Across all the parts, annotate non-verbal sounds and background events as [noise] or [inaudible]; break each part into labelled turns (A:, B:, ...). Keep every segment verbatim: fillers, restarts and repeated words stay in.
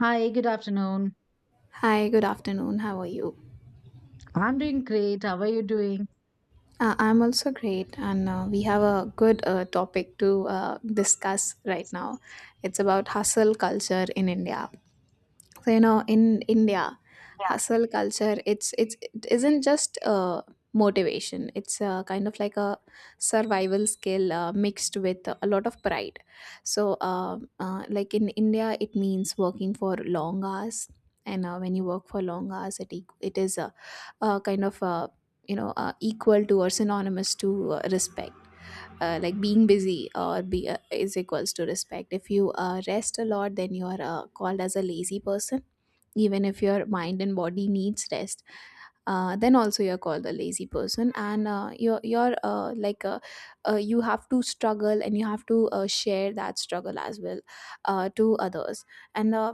A: Hi, good afternoon.
B: Hi, good afternoon. How are you?
A: I'm doing great. How are you doing?
B: Uh, I'm also great, and uh, we have a good uh, topic to uh, discuss right now. It's about hustle culture in India. So, you know, in India, hustle culture, it's it's it isn't just uh, motivation. It's uh, kind of like a survival skill uh, mixed with a lot of pride. So, uh, uh, like in India, it means working for long hours. And uh, when you work for long hours, it, eq- it is a, a kind of uh you know uh, equal to or synonymous to uh, respect. Uh, like being busy or be uh, is equals to respect. If you uh, rest a lot, then you are uh, called as a lazy person even if your mind and body needs rest, uh, then also you're called a lazy person, and uh, you're, you're uh, like uh, uh, you have to struggle and you have to uh, share that struggle as well uh, to others. And uh,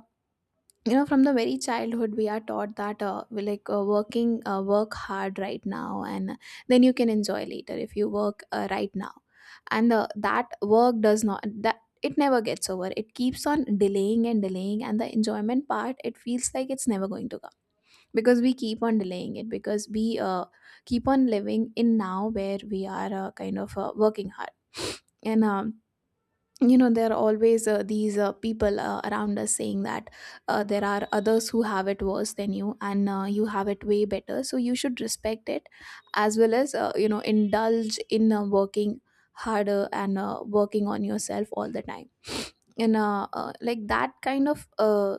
B: you know from the very childhood we are taught that, uh, we like uh, working uh, work hard right now and then you can enjoy later. If you work uh, right now, and uh, that work does not, that it never gets over, it keeps on delaying and delaying, and the enjoyment part, it feels like it's never going to come, because we keep on delaying it, because we uh, keep on living in now where we are uh, kind of uh, working hard [sniffs] and um, you know there are always uh, these uh, people uh, around us saying that uh, there are others who have it worse than you, and uh, you have it way better, so you should respect it as well as uh, you know indulge in uh, working harder and uh, working on yourself all the time. And uh, uh, like that kind of uh,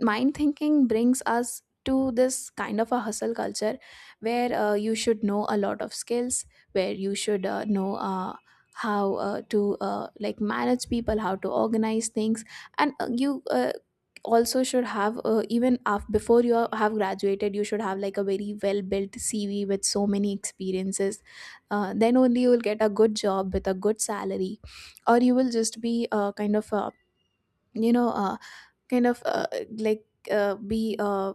B: mind thinking brings us to this kind of a hustle culture, where uh, you should know a lot of skills, where you should uh, know uh, how uh, to, uh, like, manage people, how to organize things, and uh, you uh, also should have, uh, even after, before you have graduated, you should have like a very well built cv with so many experiences. Uh, then only you will get a good job with a good salary, or you will just be uh, kind of uh, you know uh, kind of uh, like uh, be uh,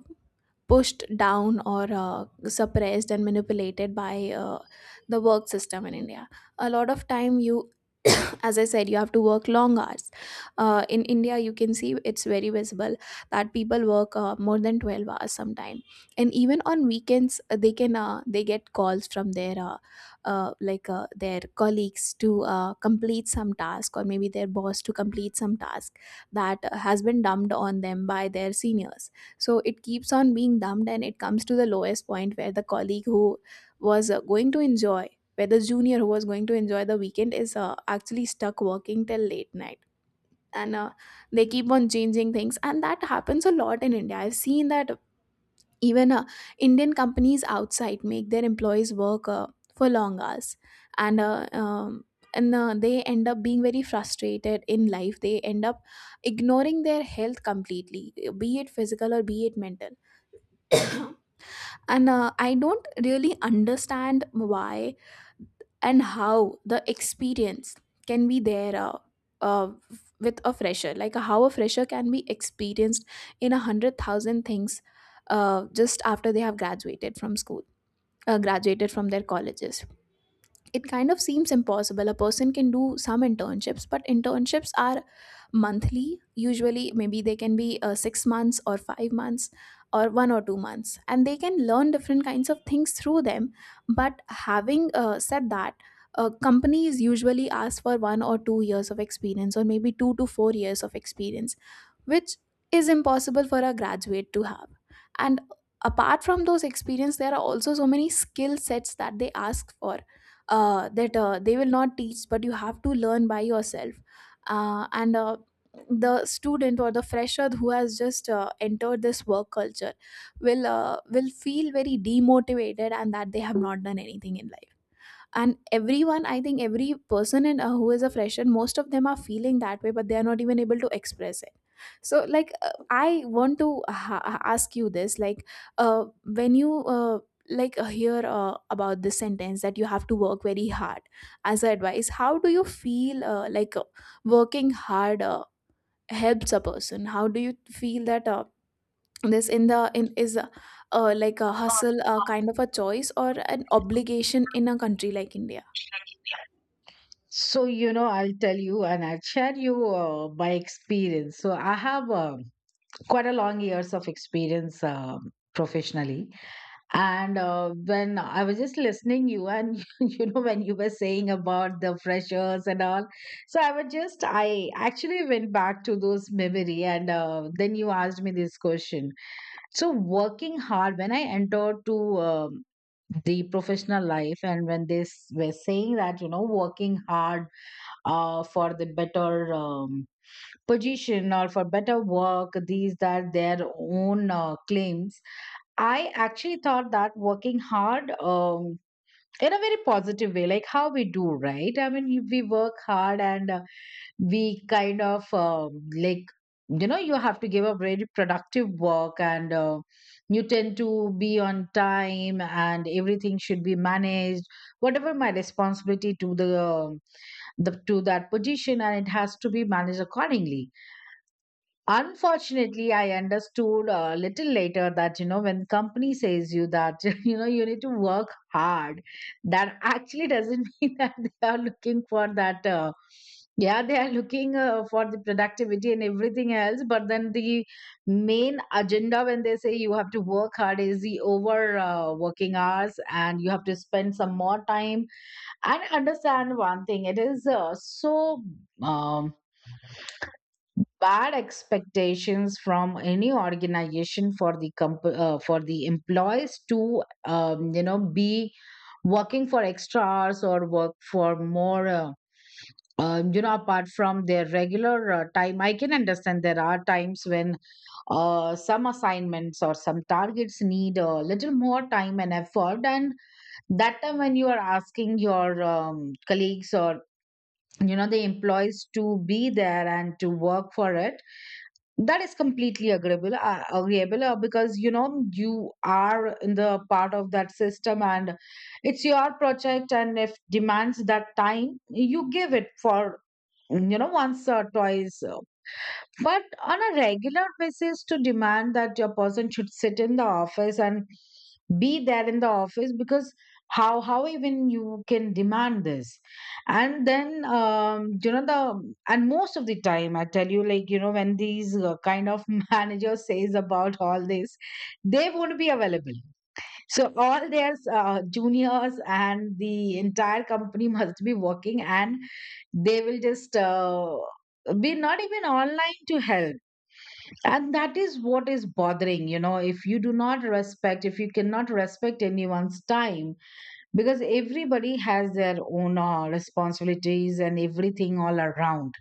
B: pushed down or uh, suppressed and manipulated by uh, the work system in India. A lot of time you, as I said, you have to work long hours. Uh, in India you can see, it's very visible, that people work uh, more than twelve hours sometime, and even on weekends uh, they can uh, they get calls from their, uh, uh, like, uh, their colleagues to uh, complete some task, or maybe their boss, to complete some task that uh, has been dumped on them by their seniors. So it keeps on being dumped, and it comes to the lowest point where the colleague who was uh, going to enjoy, where the junior who was going to enjoy the weekend, is uh, actually stuck working till late night. And uh, they keep on changing things, and that happens a lot in India, I've seen that. Even uh, Indian companies outside make their employees work uh, for long hours, and uh, um, and uh, they end up being very frustrated in life. They end up ignoring their health completely, be it physical or be it mental. [coughs] And uh, I don't really understand why and how the experience can be there uh, uh, with a fresher, like how a fresher can be experienced in a hundred thousand things uh, just after they have graduated from school, uh, graduated from their colleges. It kind of seems impossible. A person can do some internships, but internships are monthly. Usually, maybe they can be uh, six months or five months or one or two months, and they can learn different kinds of things through them. But having uh, said that, uh, companies usually ask for one or two years of experience, or maybe two to four years of experience, which is impossible for a graduate to have. And apart from those experience, there are also so many skill sets that they ask for, uh, that uh, they will not teach, but you have to learn by yourself, uh, and uh, the student or the fresher who has just uh, entered this work culture will uh, will feel very demotivated, and that they have not done anything in life. And everyone I think every person, in uh, who is a fresher, most of them are feeling that way, but they are not even able to express it. So, like, uh, I want to ha- ask you this, like, uh, when you uh, like uh, hear uh, about this sentence that you have to work very hard as a advice, how do you feel, uh, like, uh, working hard uh, helps a person, how do you feel that uh, this in the in is, uh, uh, like, a hustle, uh, kind of a choice or an obligation in a country like India?
A: So, you know, I'll tell you and I'll share you uh, my experience. So, I have uh, quite a long years of experience um professionally. And uh, when I was just listening you and [laughs] you know when you were saying about the freshers and all, so I was just I actually went back to those memory and uh, then you asked me this question. So working hard when I entered to um, the professional life and when they s- were saying that you know working hard uh, for the better um, position or for better work these that their own uh, claims, I actually thought that working hard um, in a very positive way, like how we do, right? I mean you- we work hard and uh, we kind of um, like, you know, you have to give a very productive work, and uh, you tend to be on time and everything should be managed, whatever my responsibility to the, um, the to that position, and it has to be managed accordingly. Unfortunately, I understood a little later that, you know, when company says you that, [laughs] you know, you need to work hard, that actually doesn't [laughs] mean that they are looking for that. Uh, yeah, they are looking uh, for the productivity and everything else. But then the main agenda when they say you have to work hard is the over uh, working hours and you have to spend some more time. And understand one thing, it is uh, so. Um, Bad expectations from any organization for the comp- uh, for the employees to um, you know be working for extra hours or work for more uh, uh, you know apart from their regular uh, time. I can understand there are times when uh, some assignments or some targets need a little more time and effort, and that time when you are asking your um, colleagues or, you know, the employees to be there and to work for it, that is completely agreeable, uh, agreeable, uh, because you know you are in the part of that system, and it's your project, and if demands that time you give it for, you know, once or twice, uh, but on a regular basis, to demand that your person should sit in the office and be there in the office, because how how even you can demand this. And then um, you know, the, and most of the time I tell you, like, you know, when these uh, kind of [laughs] manager says about all this, they won't be available. So all their uh, juniors and the entire company must be working, and they will just uh, be not even online to help. And that is what is bothering. You know, if you do not respect, if you cannot respect anyone's time, because everybody has their own uh, responsibilities and everything all around,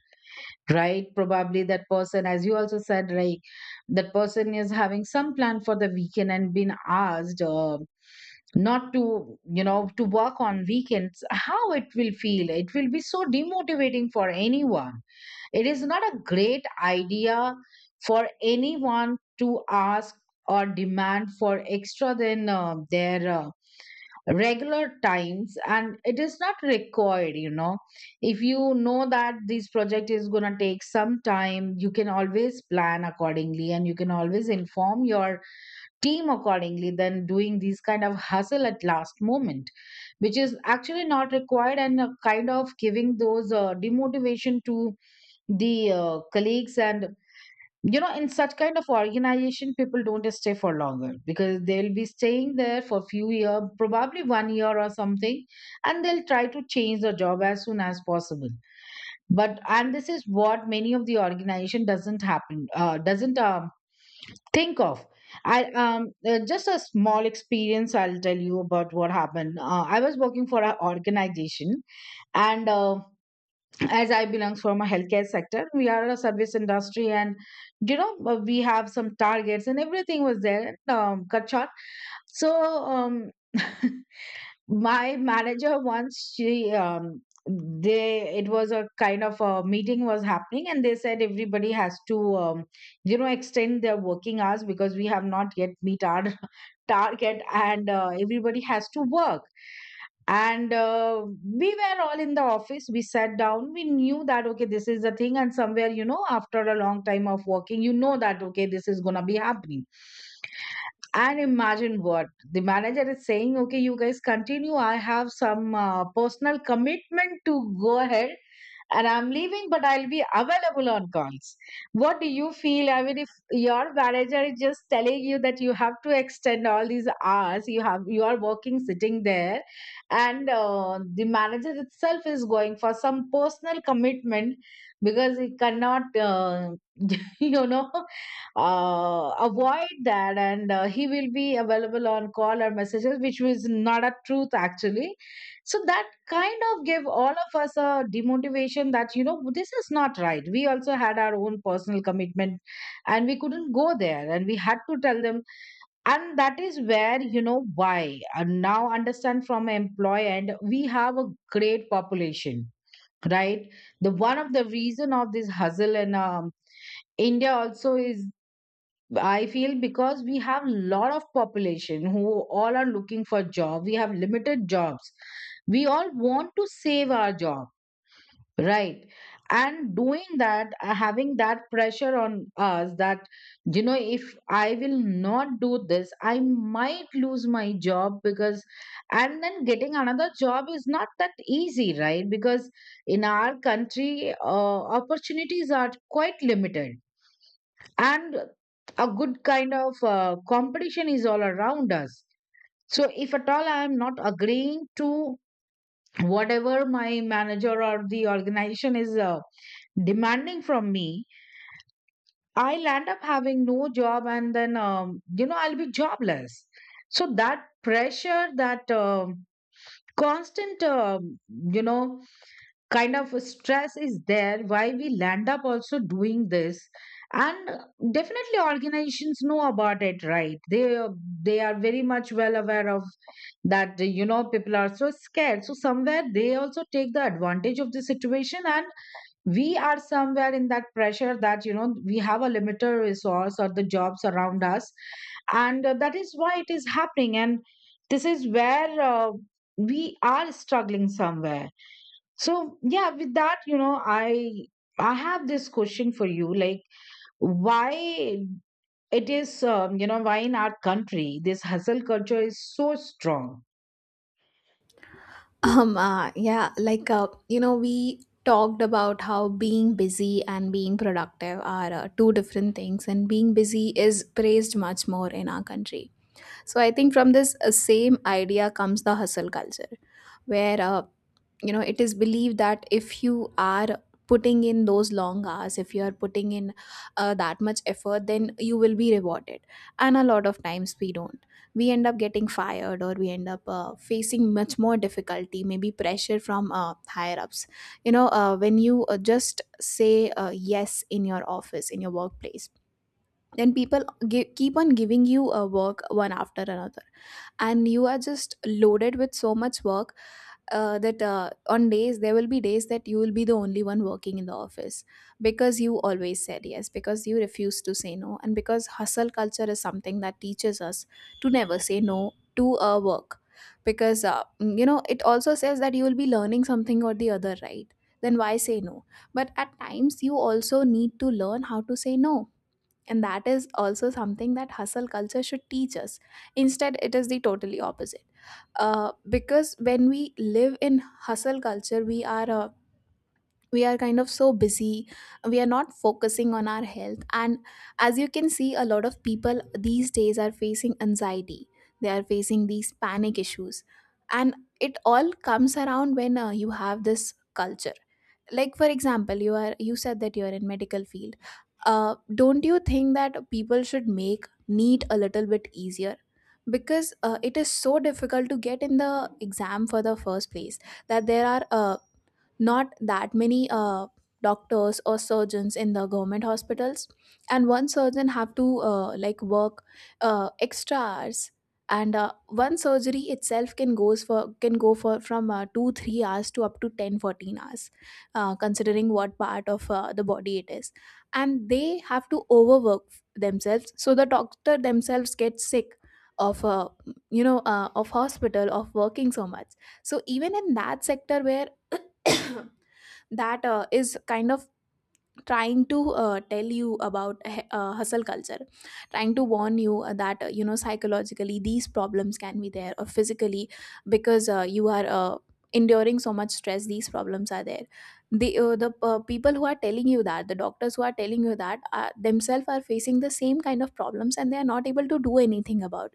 A: right? Probably that person, as you also said, right, that person is having some plan for the weekend and been asked uh, not to, you know, to work on weekends. How it will feel? It will be so demotivating for anyone. It is not a great idea for anyone to ask or demand for extra than uh, their uh, regular times, and it is not required, you know. If you know that this project is going to take some time, you can always plan accordingly and you can always inform your team accordingly than doing these kind of hustle at last moment, which is actually not required and uh, kind of giving those uh, demotivation to the uh, colleagues. And you know, in such kind of organization, people don't stay for longer because they'll be staying there for few year, probably one year or something, and they'll try to change the job as soon as possible. But and this is what many of the organization doesn't happen, uh, doesn't um, think of. I um uh, just a small experience I'll tell you about what happened. uh, I was working for an organization, and uh, as I belongs from a healthcare sector, we are a service industry, and you know uh, we have some targets and everything was there. Um, cut short. So, um, [laughs] my manager once she um, they it was a kind of a meeting was happening, and they said everybody has to um, you know extend their working hours because we have not yet meet our [laughs] target, and uh, everybody has to work. And uh, we were all in the office, we sat down, we knew that okay, this is the thing, and somewhere, you know, after a long time of working, you know that okay, this is gonna be happening. And imagine what the manager is saying: okay, you guys continue, I have some uh, personal commitment to go ahead and I'm leaving, but I'll be available on calls. What do you feel? I mean, if your manager is just telling you that you have to extend all these hours, you have you are working sitting there, and uh, the manager itself is going for some personal commitment because he cannot, uh, [laughs] you know, uh, avoid that, and uh, he will be available on call or messages, which was not a truth actually. So that kind of give all of us a demotivation that, you know, this is not right. We also had our own personal commitment, and we couldn't go there, and we had to tell them. And that is where, you know, why and now understand from an employee, and we have a great population, right? The one of the reason of this hustle in um, India also is, I feel, because we have lot of population who all are looking for job, we have limited jobs, we all want to save our job. Right. And doing that, uh, having that pressure on us that, you know, if I will not do this, I might lose my job because, and then getting another job is not that easy, right? Because in our country, uh, opportunities are quite limited, and a good kind of uh, competition is all around us. So, if at all I am not agreeing to whatever my manager or the organization is, uh, demanding from me, I'll end up having no job and then, um, you know, I'll be jobless. So that pressure, that um constant, um you know, kind of stress is there why we land up also doing this. And definitely organizations know about it, right? They, they are very much well aware of that, you know, people are so scared. So somewhere they also take the advantage of the situation, and we are somewhere in that pressure that, you know, we have a limited resource or the jobs around us, and uh, that is why it is happening. And this is where uh, we are struggling somewhere. So yeah, with that, you know, i i have this question for you, like, why it is um, you know, why in our country this hustle culture is so strong?
B: Um, uh, yeah, like, uh, you know, we talked about how being busy and being productive are uh, two different things, and being busy is praised much more in our country. So I think from this uh, same idea comes the hustle culture, where, uh, you know, it is believed that if you are putting in those long hours, if you are putting in uh, that much effort, then you will be rewarded. And a lot of times we don't we end up getting fired, or we end up uh, facing much more difficulty, maybe pressure from uh, higher ups. You know, uh, when you uh, just say uh, yes in your office, in your workplace, then people gi- keep on giving you uh, work one after another, and you are just loaded with so much work, uh, that uh, on days there will be days that you will be the only one working in the office, because you always said yes, because you refuse to say no, and because hustle culture is something that teaches us to never say no to a work. Because uh, mm, you know, it also says that you will be learning something or the other, right? Then why say no? But at times you also need to learn how to say no, and that is also something that hustle culture should teach us. Instead, it is the totally opposite. Uh, because when we live in hustle culture, we are uh, we are kind of so busy, we are not focusing on our health, and as you can see a lot of people these days are facing anxiety, they are facing these panic issues. And it all comes around when uh, you have this culture. Like, for example, you are you said that you are in medical field. Uh, don't you think that people should make neat a little bit easier, because uh, it is so difficult to get in the exam for the first place, that there are uh, not that many uh, doctors or surgeons in the government hospitals, and one surgeon have to uh, like work uh, extra hours, and uh, one surgery itself can goes for can go for from uh, 2 3 hours to up to ten fourteen hours, uh, considering what part of uh, the body it is, and they have to overwork themselves, so the doctor themselves get sick of, uh, you know uh, of hospital, of working so much. So even in that sector where [coughs] that uh, is kind of trying to uh, tell you about, h- uh, hustle culture, trying to warn you uh, that, uh, you know, psychologically these problems can be there, or physically, because uh, you are uh, enduring so much stress, these problems are there. The uh, the uh, people who are telling you that, the doctors who are telling you that, uh, themselves are facing the same kind of problems, and they are not able to do anything about,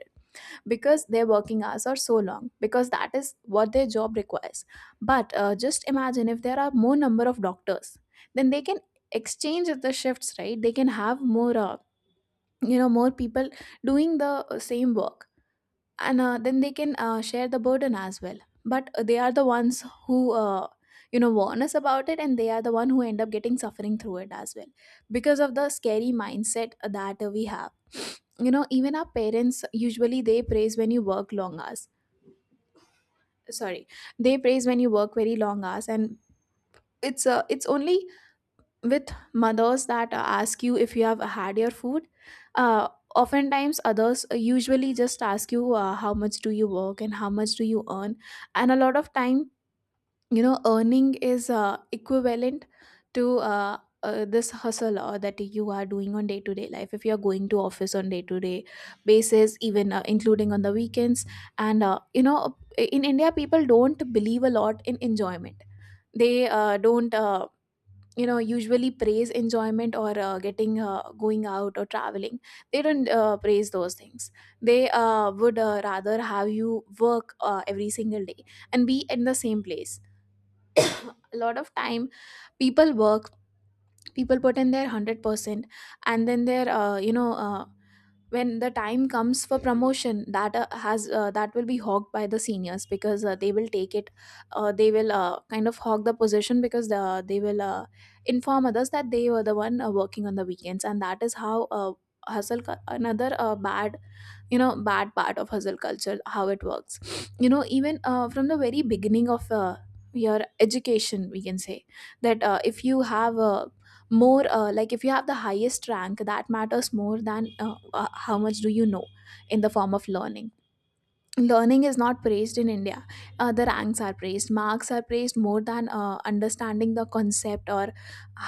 B: because their working hours are so long, because that is what their job requires. But uh, just imagine if there are more number of doctors, then they can exchange the shifts, right? They can have more, uh, you know more people doing the uh, same work, and uh, then they can uh, share the burden as well. But uh, they are the ones who, uh, you know, warn us about it, and they are the one who end up getting suffering through it as well, because of the scary mindset that uh, we have. You know, even our parents, usually they praise when you work long hours, sorry, they praise when you work very long hours, and it's uh, it's only with mothers That uh, ask you if you have had your food. uh, Oftentimes others uh, usually just ask you uh, how much do you work and how much do you earn. And a lot of time, you know, earning is uh, equivalent to uh, uh, this hustle uh, that you are doing on day to day life, if you are going to office on day to day basis, even uh, including on the weekends. And uh, you know, in india people don't believe a lot in enjoyment. They uh, don't uh, you know, usually praise enjoyment or uh, getting uh, going out or traveling. They don't uh, praise those things. They uh, would uh, rather have you work uh, every single day and be in the same place. A lot of time people work, people put in their one hundred percent. And then they're uh, you know uh, when the time comes for promotion that uh, has uh, that will be hogged by the seniors, because uh, they will take it. Uh, they will uh, kind of hog the position, because the, they will uh, inform others that they were the one uh, working on the weekends, and that is how uh, hustle cu- another uh, bad, you know, bad part of hustle culture how it works. [sniffs] You know, even uh, from the very beginning of uh, your education, we can say that uh, if you have a more uh, like if you have the highest rank, that matters more than uh, uh, how much do you know in the form of learning. Learning is not praised in india. Uh, the ranks are praised, marks are praised more than uh, understanding the concept or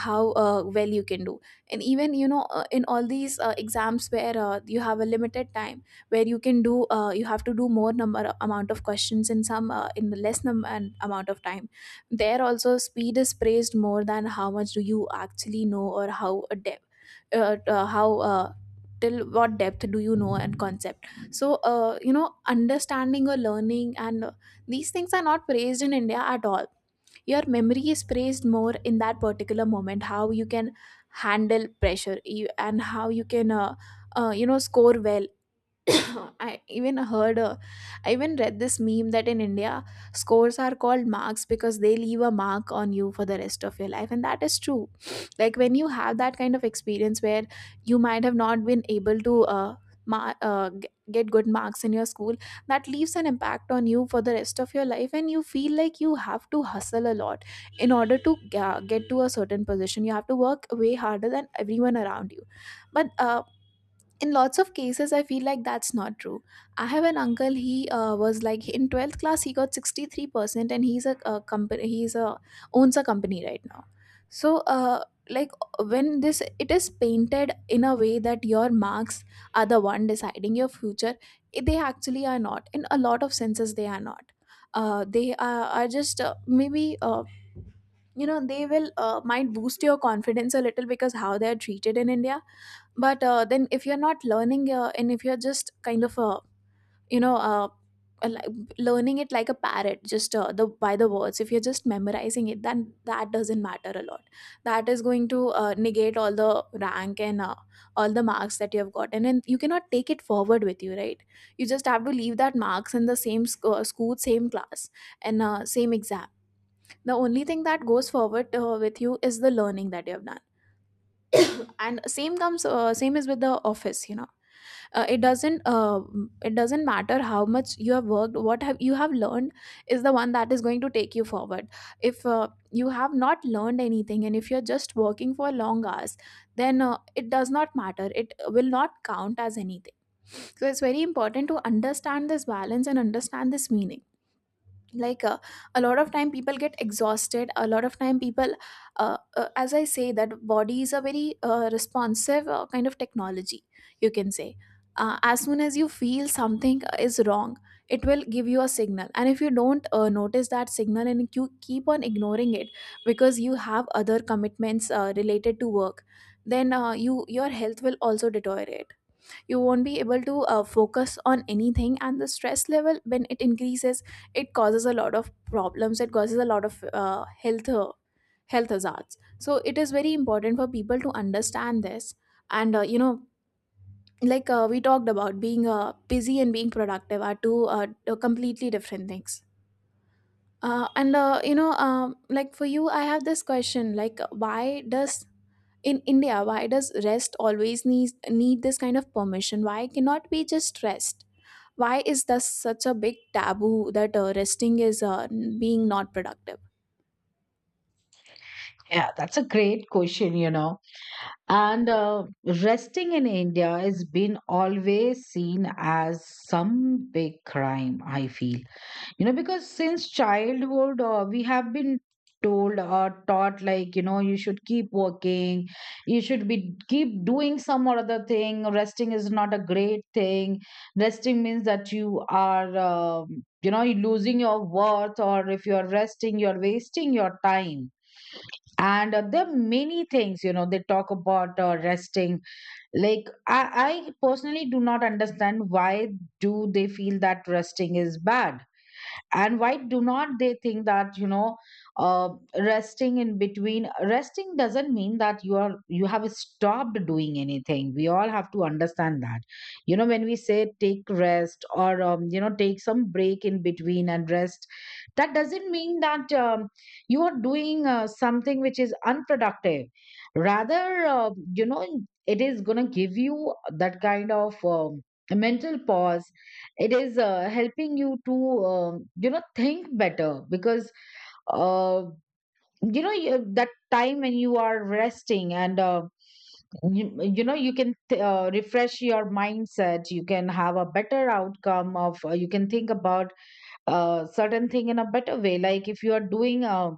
B: how uh, well you can do. And even, you know, uh, in all these uh, exams where uh, you have a limited time where you can do uh, you have to do more number amount of questions in some uh, in the less number and amount of time, there also speed is praised more than how much do you actually know, or how a depth, uh, uh, how uh, till what depth do you know and concept. So uh, you know, understanding or learning and uh, these things are not praised in india at all. Your memory is praised more, in that particular moment how you can handle pressure you- and how you can uh, uh, you know, score well. [laughs] [coughs] I even heard, uh, I even read this meme that in India, scores are called marks because they leave a mark on you for the rest of your life. And that is true. [sniffs] Like when you have that kind of experience where you might have not been able to uh, mar- uh, g- get good marks in your school, that leaves an impact on you for the rest of your life. And you feel like you have to hustle a lot in order to uh, get to a certain position. You have to work way harder than everyone around you. But uh, in lots of cases I feel like that's not true. I have an uncle, he uh, was like in twelfth class he got sixty-three percent, and he's a, a company he's a, owns a company right now. So uh, like, when this it is painted in a way that your marks are the one deciding your future, it- they actually are not. In a lot of senses they are not. uh, they are, are just uh, maybe uh, you know, they will uh, might boost your confidence a little, because how they are treated in india. But uh, then if you're not learning uh, and if you're just kind of uh, you know uh, uh, li- learning it like a parrot, just uh, the by the words, if you're just memorizing it, then that doesn't matter a lot. That is going to uh, negate all the rank and uh, all the marks that you have gotten, and you cannot take it forward with you, right? You just have to leave that marks in the same sc- uh, school, same class and uh, same exam. The only thing that goes forward uh, with you is the learning that you have done. And same comes uh, same is with the office, you know. Uh, it doesn't uh, it doesn't matter how much you have worked. What have you have learned is the one that is going to take you forward. If uh, you have not learned anything, and if you're just working for long hours, then uh, it does not matter, it will not count as anything. So it's very important to understand this balance and understand this meaning. like uh, a lot of time people get exhausted, a lot of time people uh, uh, as I say that body is a very uh, responsive uh, kind of technology, you can say. Uh, as soon as you feel something is wrong, it will give you a signal, and if you don't uh, notice that signal and you keep on ignoring it, because you have other commitments uh, related to work, then uh, you, your health will also deteriorate. You won't be able to uh, focus on anything, and the stress level when it increases, it causes a lot of problems, it causes a lot of uh, health uh, health hazards. So it is very important for people to understand this. And uh, you know, like uh, we talked about being uh, busy and being productive are two uh, uh, completely different things. Uh, and uh, you know, um, like for you I have this question, like why does, in india why does rest always need need this kind of permission, why cannot be just rest, why is this such a big taboo that uh, resting is uh, being not productive.
A: Yeah, that's a great question, you know. And uh, resting in India has been always seen as some big crime, I feel. You know, because since childhood, uh, we have been told or taught like, you know, you should keep working, you should be keep doing some or other thing. Resting is not a great thing. Resting means that you are, um you know, you're losing your worth, or if you're resting, you're wasting your time. And uh, there are many things, you know, they talk about uh, resting. Like I, I personally do not understand why do they feel that resting is bad, and why do not they think that, you know, uh, resting in between, resting doesn't mean that you are you have stopped doing anything. We all have to understand that, you know, when we say take rest or, um, you know, take some break in between and rest, that doesn't mean that um, you are doing uh, something which is unproductive. Rather, uh, you know, it is going to give you that kind of um, mental pause. It is uh, helping you to um you know think better. Because uh, you know you, that time when you are resting and uh, you, you know, you can th- uh, refresh your mindset, you can have a better outcome of, uh, you can think about uh, certain thing in a better way. Like if you are doing, uh,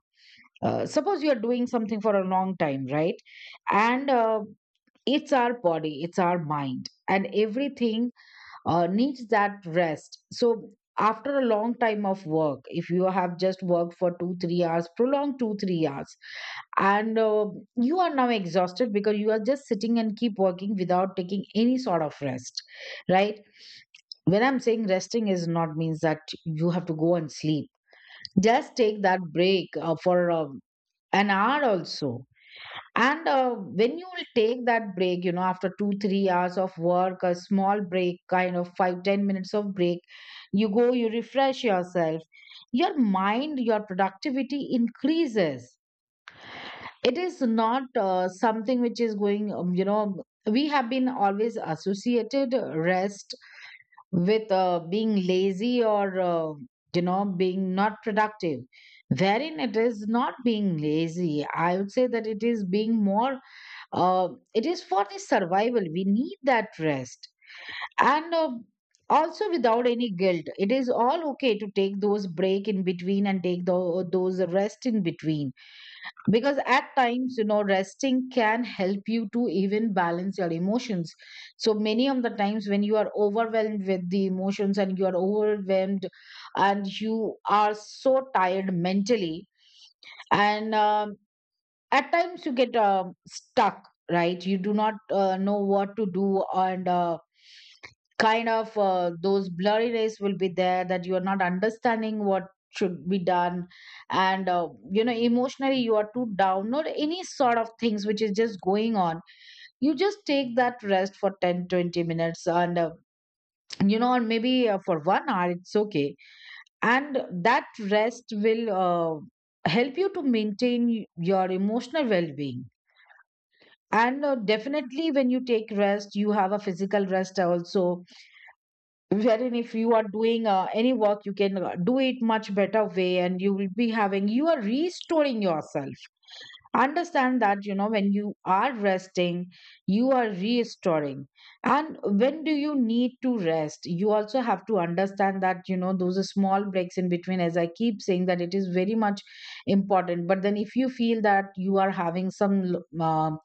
A: uh, suppose you are doing something for a long time, right? And uh, it's our body, it's our mind, and everything uh, needs that rest. So after a long time of work, if you have just worked for two, three hours, prolonged two, three hours, and uh, you are now exhausted because you are just sitting and keep working without taking any sort of rest, right? When I'm saying resting is not means that you have to go and sleep. Just take that break uh, for um an hour also. And uh, when you will take that break, you know, after two, three hours of work, a small break, kind of five, ten minutes of break, you go, you refresh yourself. Your mind, your productivity increases. It is not uh, something which is going, um, you know, we have been always associated rest with uh, being lazy or, uh, you know, being not productive. Wherein it is not being lazy. I would say that it is being more, uh, it is for the survival we need that rest. And uh, also without any guilt it is all okay to take those break in between and take tho- those rest in between, because at times you know resting can help you to even balance your emotions. So many of the times when you are overwhelmed with the emotions and you are overwhelmed and you are so tired mentally, and um, at times you get um, stuck, right? You do not uh, know what to do, and uh, kind of uh, those blurriness will be there that you are not understanding what should be done. And uh, you know emotionally you are too down or any sort of things which is just going on. You just take that rest for ten, twenty minutes, and uh, you know, and maybe uh, for one hour it's okay, and that rest will uh, help you to maintain your emotional well-being. And uh, definitely when you take rest you have a physical rest also, wherein if you are doing uh, any work you can uh, do it much better way, and you will be having you are restoring yourself. Understand that you know when you are resting you are restoring. And when do you need to rest, you also have to understand that you know those are small breaks in between, as I keep saying that it is very much important. But then if you feel that you are having some um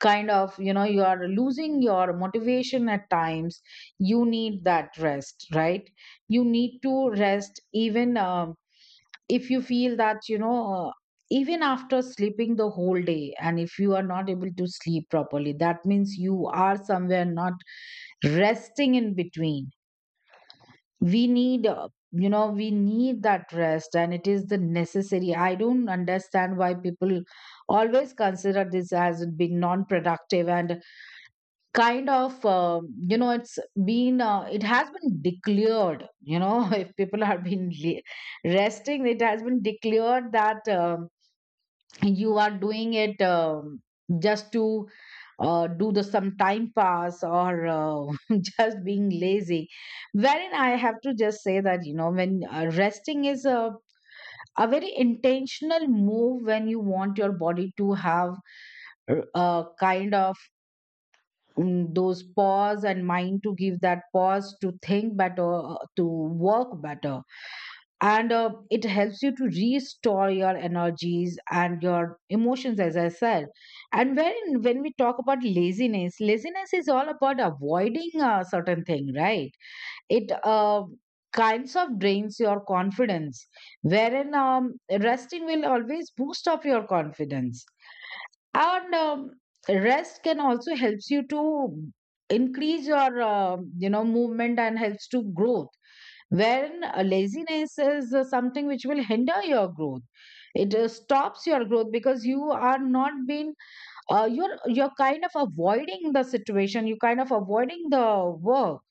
A: kind of, you know, you are losing your motivation at times, you need that rest, right? You need to rest, even um, if you feel that you know, uh, even after sleeping the whole day, and if you are not able to sleep properly, that means you are somewhere not resting in between. We need, uh, you know, we need that rest and it is the necessary. I don't understand why people always consider this as being non productive and kind of, um, you know, it's been, uh, it has been declared, you know, [laughs] if people are been re- resting, it has been declared that um, you are doing it um, just to uh, do the some time pass or uh, [laughs] just being lazy. Wherein I have to just say that you know, when uh, resting is a, a very intentional move, when you want your body to have a kind of mm, those pause, and mind to give that pause to think better, uh, to work better. And uh, it helps you to restore your energies and your emotions, as I said. And when when we talk about laziness, laziness is all about avoiding a certain thing, right? It uh, kinds of drains your confidence, wherein um, resting will always boost up your confidence. And um, rest can also helps you to increase your um you know movement and helps to growth, wherein uh, laziness is uh, something which will hinder your growth. It uh, stops your growth because you are not being, uh, you're you're kind of avoiding the situation, you're kind of avoiding the work.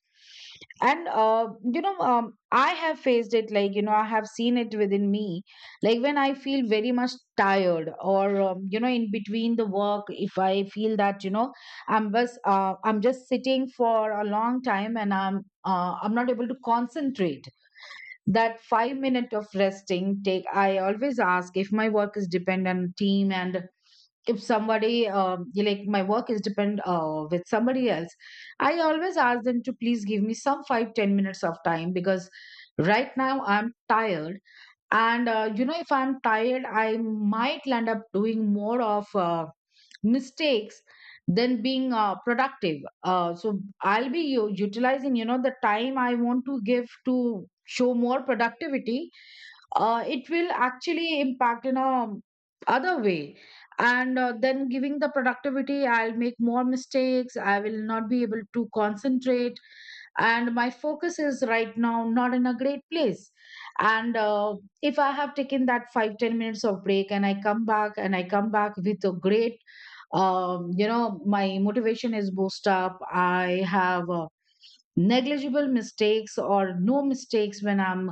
A: And uh, you know, um, I have faced it, like you know, I have seen it within me. Like when I feel very much tired, or um, you know, in between the work, if I feel that you know, i'm just uh, i'm just sitting for a long time, and i'm uh, i'm not able to concentrate, that five minute of resting take. I always ask, if my work is dependent on team, and if somebody, um, like my work is depend uh, with somebody else, I always ask them to please give me some five ten minutes of time, because right now I'm tired. And uh, you know if I'm tired I might land up doing more of uh, mistakes than being uh, productive. uh, so I'll be u- utilizing you know the time I want to give to show more productivity. uh, it will actually impact in a other way. And uh, then giving the productivity I'll make more mistakes, I will not be able to concentrate, and my focus is right now not in a great place. And uh, if I have taken that five ten minutes of break and i come back and i come back with a great, um, you know, my motivation is boost up. I have uh, negligible mistakes or no mistakes when I'm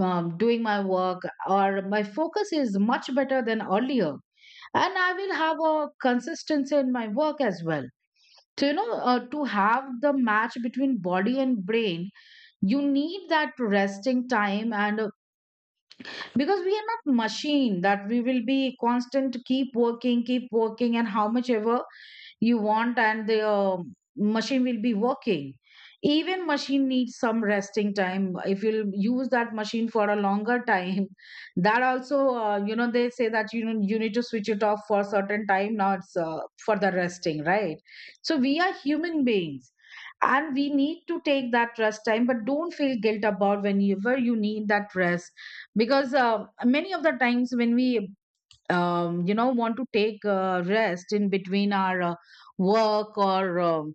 A: um, doing my work, or my focus is much better than earlier, and I will have a consistency in my work as well. So you know, uh, to have the match between body and brain, you need that resting time. And uh, because we are not machine, that we will be constant keep working keep working and how much ever you want, and the um machine will be working. Even machine needs some resting time. If you'll use that machine for a longer time, [laughs] that also, uh, you know, they say that you know, you need to switch it off for a certain time, now it's uh, for the resting, right? So we are human beings and we need to take that rest time, but don't feel guilt about whenever you need that rest. Because uh, many of the times when we, um, you know, want to take uh, rest in between our uh, work or um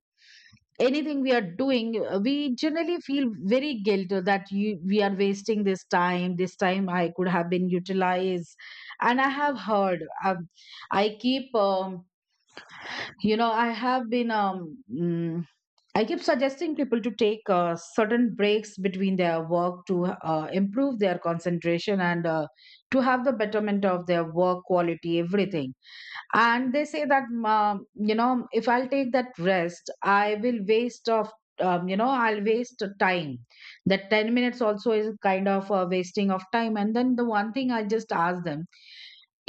A: anything we are doing, uh, we generally feel very guilt uh, that you, we are wasting this time, this time I could have been utilized. And I have heard, um, I keep, um, you know, I have been, um, mm, I keep suggesting people to take uh, certain breaks between their work to uh, improve their concentration, and uh, to have the betterment of their work quality, everything. And they say that, um, you know, if I'll take that rest I will waste of, um, you know, I'll waste time, that ten minutes also is kind of a wasting of time. And then the one thing I just ask them,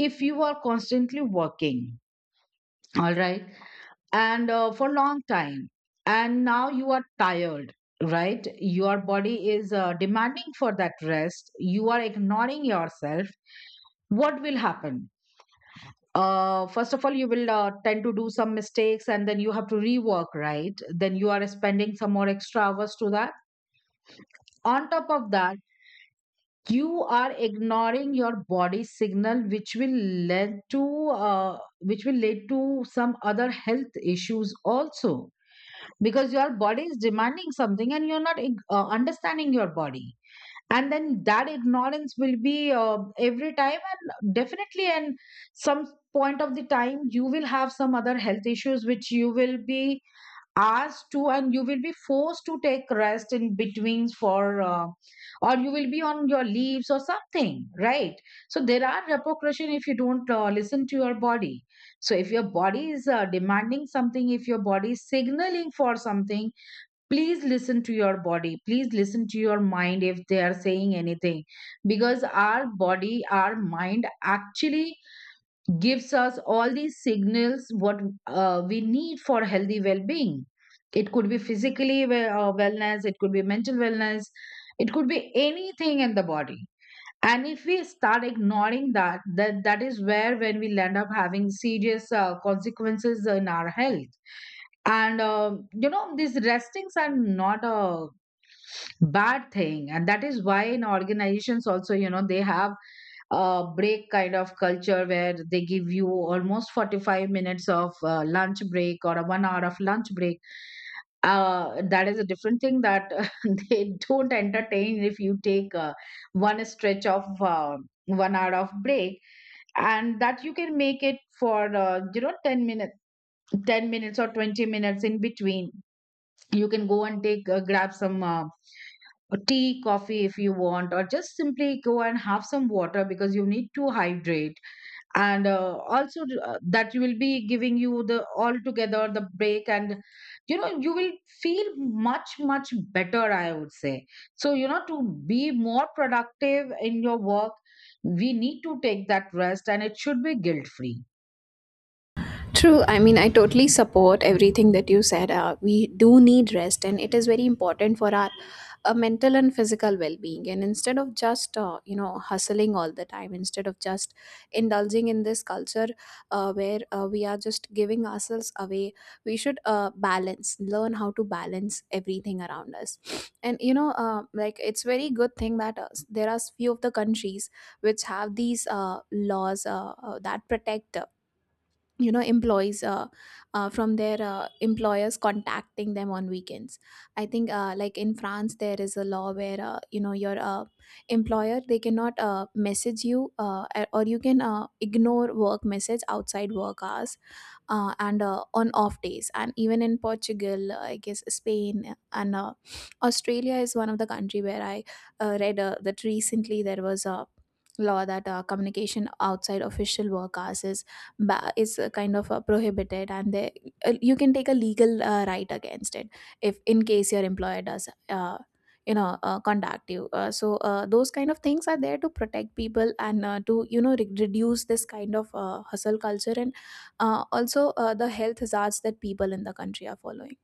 A: if you are constantly working, all right, and uh, for long time, and now you are tired, right? Your body is uh, demanding for that rest, you are ignoring yourself. What will happen? uh, first of all, you will uh, tend to do some mistakes, and then you have to rework, right? Then you are spending some more extra hours to that. On top of that, you are ignoring your body signal, which will lead to, uh, which will lead to some other health issues also, because your body is demanding something and you're not ig- uh, understanding your body. And then that ignorance will be uh, every time, and definitely, and some point of the time you will have some other health issues, which you will be asked to, and you will be forced to take rest in between for, uh, or you will be on your leaves or something, right? So there are repercussion if you don't uh, listen to your body. So if your body is uh, demanding something, if your body is signaling for something, please listen to your body, please listen to your mind if they are saying anything. Because our body, our mind actually gives us all these signals what uh, we need for healthy well-being. It could be physically, we- uh, wellness, it could be mental wellness, it could be anything in the body. And if we start ignoring that, that that is where when we end up having serious uh, consequences in our health. And um you know these restings are not a bad thing, and that is why in organizations also, you know, they have a break kind of culture where they give you almost forty-five minutes of uh, lunch break or a one hour of lunch break. uh, that is a different thing, that [laughs] they don't entertain if you take uh, one stretch of uh, one hour of break. And that you can make it for, uh, you know, ten minutes, ten minutes or twenty minutes in between. You can go and take, uh, grab some, uh, or tea, coffee if you want, or just simply go and have some water, because you need to hydrate. And uh, also, uh, that will be giving you the altogether the break, and you know you will feel much much better, I would say so. You know, to be more productive in your work, we need to take that rest, and it should be guilt free.
B: True. I mean, I totally support everything that you said. Uh, we do need rest, and it is very important for our uh, mental and physical well-being. And instead of just uh, you know, hustling all the time, instead of just indulging in this culture uh, where uh, we are just giving ourselves away, we should uh, balance. Learn how to balance everything around us. And you know, uh, like it's very good thing that uh, there are few of the countries which have these uh, laws uh, uh, that protect. Uh, you know, employees uh, uh, from their uh, employers contacting them on weekends. I think uh, like in france there is a law where uh, you know, your uh, employer they cannot uh, message you, uh, or you can uh, ignore work message outside work hours uh, and uh, on off days. And even in portugal uh, I guess spain and uh, australia is one of the country where I uh, read uh, that recently there was a law that uh, communication outside official work hours is, ba- is uh, kind of uh, prohibited, and they, uh, you can take a legal uh, right against it, if in case your employer does uh, you know uh, contact you. Uh, so uh, those kind of things are there to protect people, and uh, to you know, re- reduce this kind of uh, hustle culture. Uh, also, uh, the health hazards that people in the country are following,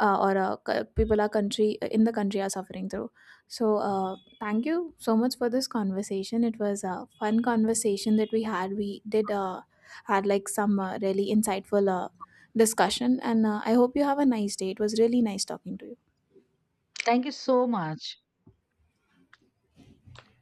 B: uh, or uh, c- people are country uh, in the country are suffering through. So, uh, thank you so much for this conversation. It was a fun conversation that we had. We did uh, had like some uh, really insightful uh, discussion, and uh, I hope you have a nice day. It was really nice talking to you.
A: Thank you so much.